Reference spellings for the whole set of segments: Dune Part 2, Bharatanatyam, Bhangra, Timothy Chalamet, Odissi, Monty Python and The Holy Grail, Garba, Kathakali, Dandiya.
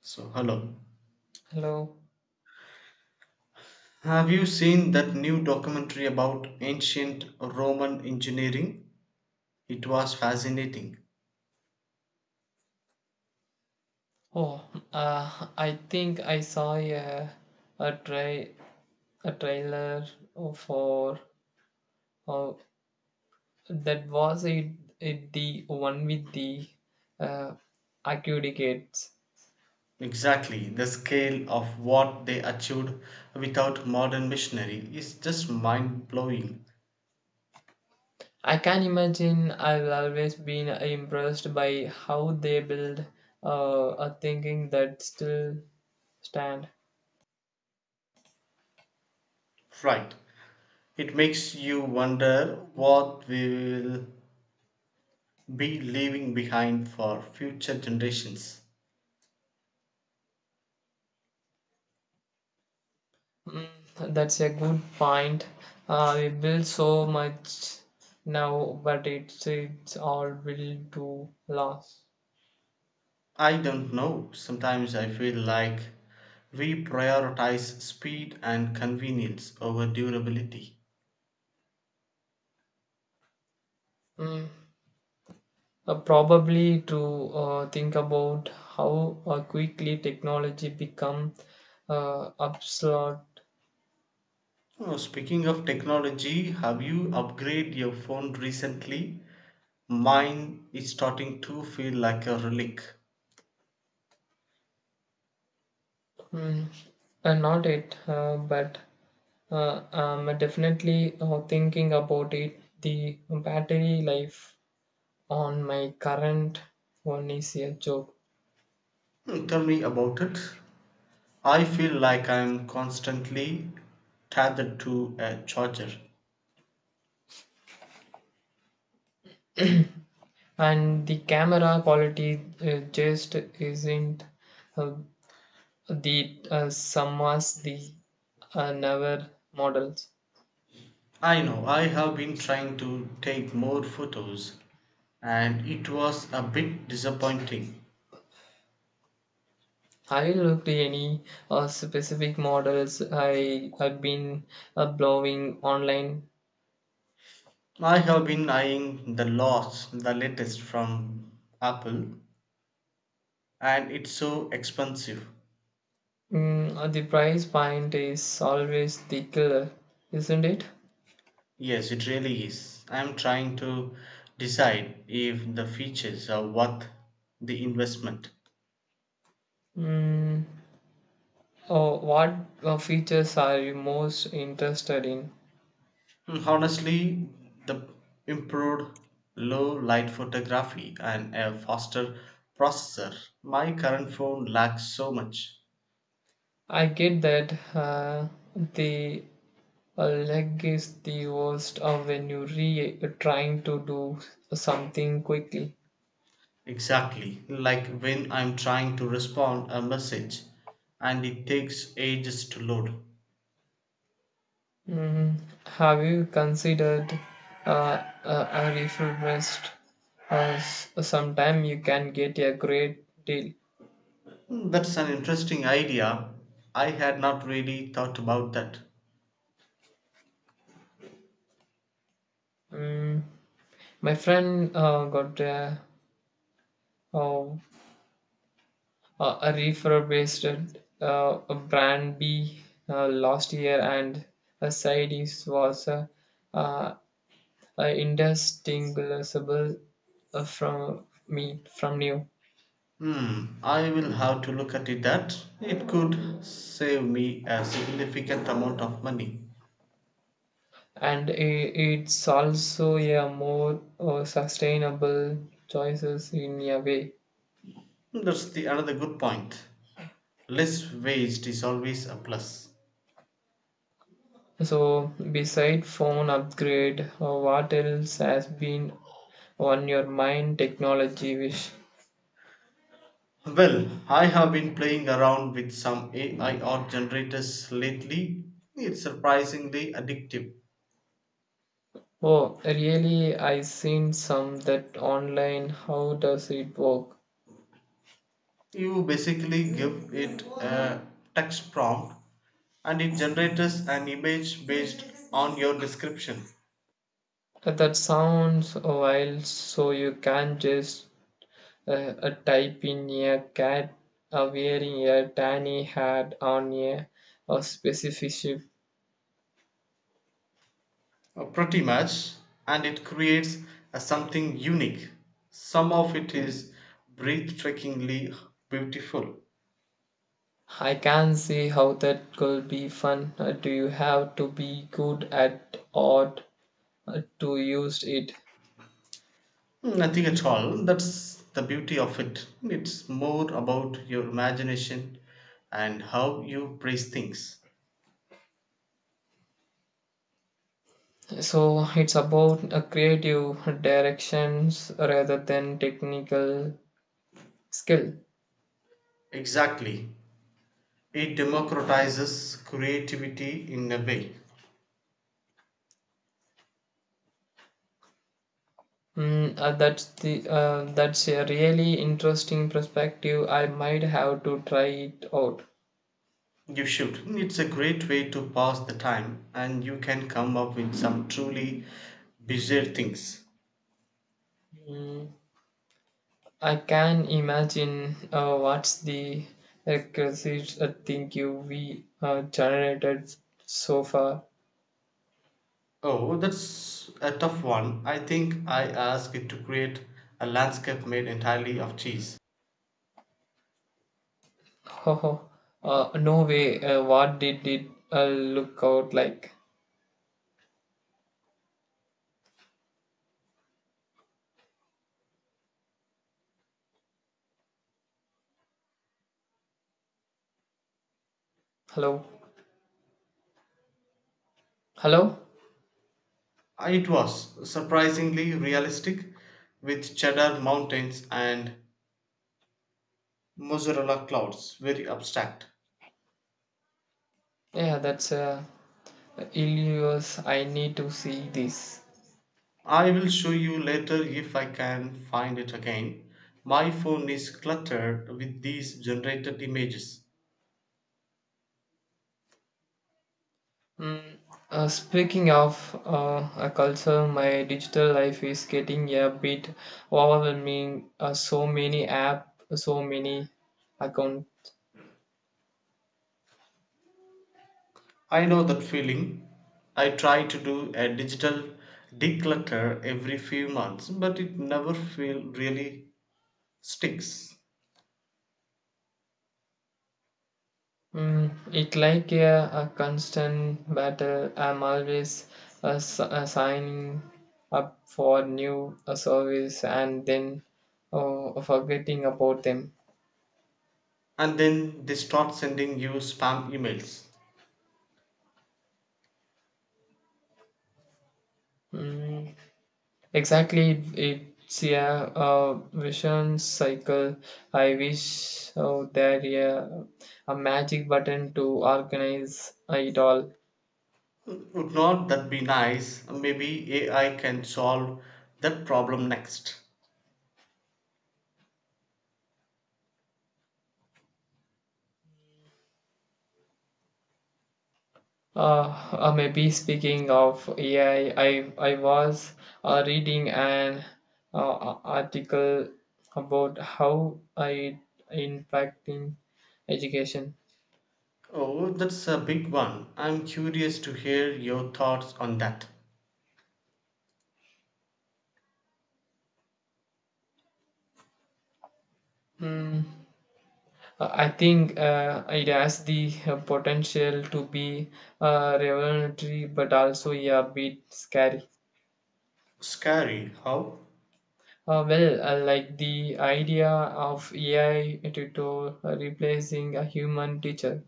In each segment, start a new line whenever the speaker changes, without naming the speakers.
So, hello.
Hello.
Have you seen that new documentary about ancient Roman engineering? It was fascinating.
Oh, I think I saw a try a trailer for oh that was it, it the one with the uh, acoustics.
Exactly, the scale of what they achieved without modern machinery is just mind blowing.
I can imagine I've always been impressed by how they build a thinking that still stand.
Right. It makes you wonder what we will be leaving behind for future generations.
Mm, that's a good point. We build so much now, but it's all built to last.
I don't know. Sometimes I feel like we prioritize speed and convenience over durability.
Mm. Probably to think about how quickly technology become obsolete.
Oh, speaking of technology, have you upgraded your phone recently? Mine is starting to feel like a relic.
Mm. Not it, but I'm definitely thinking about it. The battery life on my current one is a joke.
Tell me about it. I feel like I'm constantly tethered to a charger.
And the camera quality just isn't uh, the same as the newer models.
I know, I have been trying to take more photos, and it was a bit disappointing.
Have you looked any specific models I have been blowing online?
I have been eyeing the latest from Apple, and it's so expensive.
The price point is always the killer, isn't it?
Yes, it really is. I'm trying to decide if the features are worth the investment.
Mm, oh, what features are you most interested in?
Honestly, the improved low light photography and a faster processor. My current phone lacks so much.
I get that, the leg is the worst of when you re trying to do something quickly.
Exactly, like when I'm trying to respond a message and it takes ages to load.
Mm, have you considered a refill rest? Sometime you can get a great deal.
That's an interesting idea. I had not really thought about that.
Mm, my friend got uh a refurbished, a brand B, last year, and a side is was uh, indistinguishable, from me from new,
I will have to look at it that it could save me a significant amount of money.
and I it's also a more sustainable choices in a way.
That's the another good point. Less waste is always a plus.
So, beside phone upgrade, what else has been on your mind technology wish?
Well, I have been playing around with some AI art generators lately. It's surprisingly addictive.
Oh, really? I seen some that online. How does it work?
You basically give it a text prompt and it generates an image based on your description.
That sounds wild. So you can just type in a cat wearing a tiny hat on a specific ship.
Pretty much. And it creates a something unique. Some of it is breathtakingly beautiful.
I can see how that could be fun. Do you have to be good at art to use it?
Nothing at all. That's the beauty of it. It's more about your imagination and how you praise things.
So it's about creative directions rather than technical skill.
Exactly. It democratizes creativity in a way.
That's a really interesting perspective. I might have to try it out.
You should. It's a great way to pass the time and you can come up with some truly bizarre things.
Mm, I can imagine, what's the requisite thing you we generated so far.
Oh, well, that's a tough one. I think I asked it to create a landscape made entirely of cheese.
Oh, no way. What did it look out like? Hello, hello.
It was surprisingly realistic, with cheddar mountains and mozzarella clouds, very abstract.
Yeah, that's illustrious. I need to see this.
I will show you later if I can find it again. My phone is cluttered with these generated images.
Mm, Speaking of a culture, my digital life is getting a bit overwhelming. So many app, so many account.
I know that feeling. I try to do a digital declutter every few months, but it never feel really sticks.
It like a constant battle. I'm always signing up for new service and then forgetting about them.
And then they start sending you spam emails.
Mm, Exactly, it's yeah, a vision cycle. I wish oh, there yeah, a magic button to organize it all.
Would not that be nice? Maybe AI can solve that problem next.
Uh, Maybe speaking of AI, I was reading an article about how I impacting education.
Oh, that's a big one. I'm curious to hear your thoughts on that.
Hmm. I think it has the potential to be revelatory, but also yeah, a bit scary.
Scary, how?
Well, like the idea of AI tutor replacing a human teacher.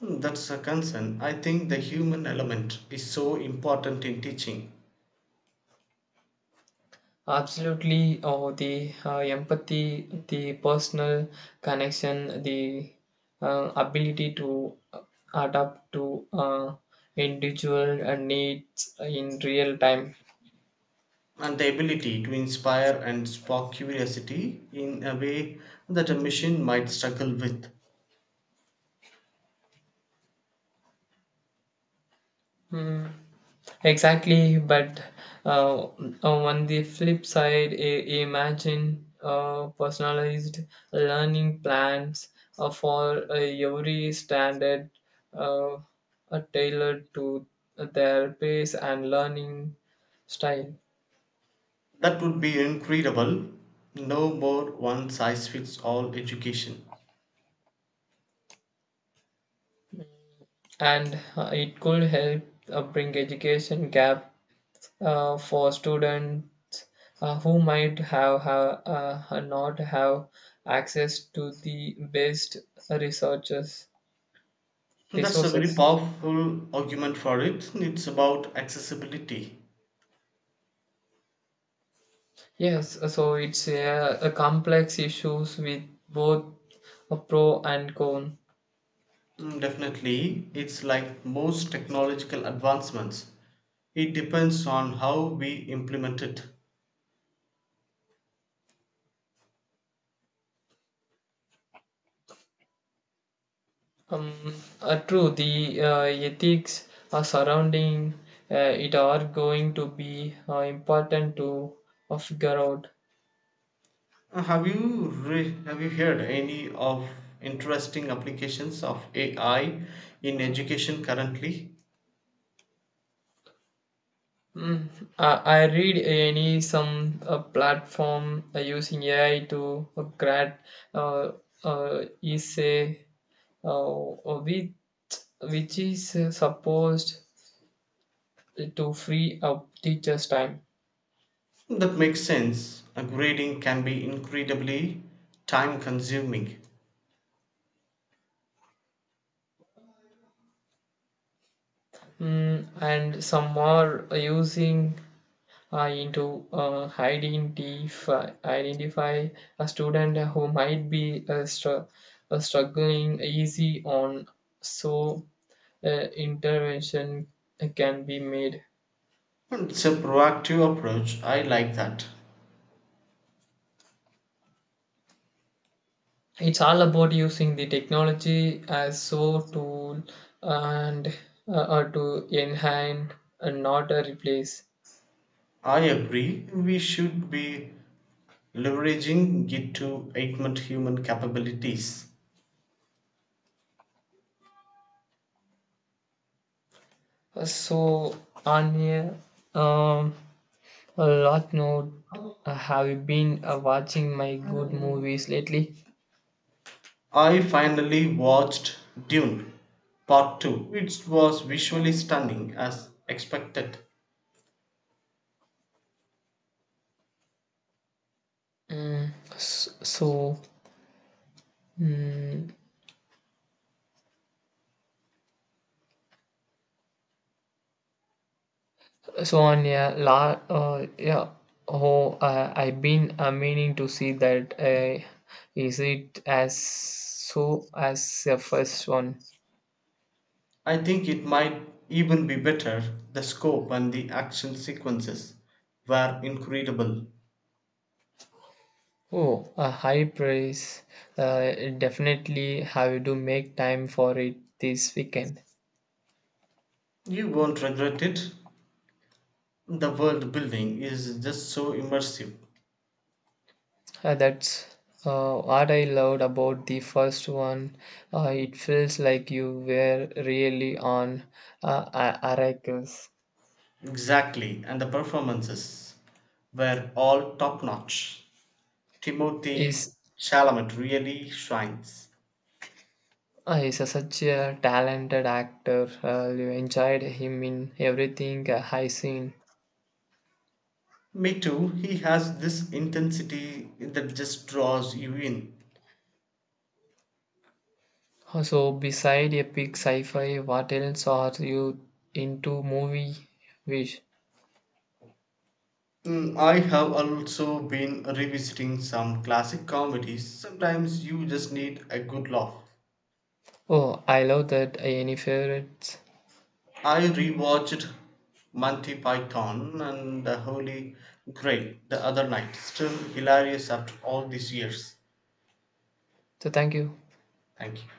That's a concern. I think the human element is so important in teaching.
Absolutely, oh, the empathy, the personal connection, the ability to adapt to individual needs in real time.
And the ability to inspire and spark curiosity in a way that a machine might struggle with.
Hmm. Exactly, but uh, uh, on the flip side, imagine personalized learning plans for every standard, uh, tailored to their pace and learning style.
That would be incredible. No more one size fits all education.
And it could help bring education gap for students who might have not have access to the best researchers
That's a very
resources.
powerful argument for it. It's about accessibility.
Yes, so it's a complex issues with both a pro and con.
Definitely, it's like most technological advancements. It depends on how we implement it.
Um, True, the ethics surrounding it are going to be important to figure out.
Have you heard any of interesting applications of AI in education currently?
I read any some platform using AI to grad uh, essay uh, uh, which, which is supposed to free up teachers' time.
That makes sense. Grading can be incredibly time consuming.
And some are using into identify identify a student who might be struggling easy on so intervention can be made.
It's a proactive approach. I like that.
It's all about using the technology as so tool and or to enhance and not a replace.
I agree. We should be leveraging it to augment human capabilities.
So on a lot note, have you been watching my good movies lately?
I finally watched Dune Part 2. It was visually stunning as expected.
Mm, s- so mm, So on yeah, la yeah. Oh, I've been meaning to see that. Is it as so as the first one?
I think it might even be better. The scope and the action sequences were incredible.
Oh, a high price. Uh, Definitely have to make time for it this weekend.
You won't regret it. The world building is just so immersive.
That's what I loved about the first one. It feels like you were really on Arrakis.
Exactly, and the performances were all top notch. Timothy
Is
Chalamet really shines.
He's a such a talented actor. You enjoyed him in everything I seen.
Me too, he has this intensity that just draws you in.
So, beside epic sci-fi, what else are you into? Movie wish?
I have also been revisiting some classic comedies. Sometimes you just need a good laugh.
Oh, I love that. Any favorites?
I rewatched Monty Python and The Holy Grail the other night. Still hilarious after all these years.
So, thank you.
Thank you.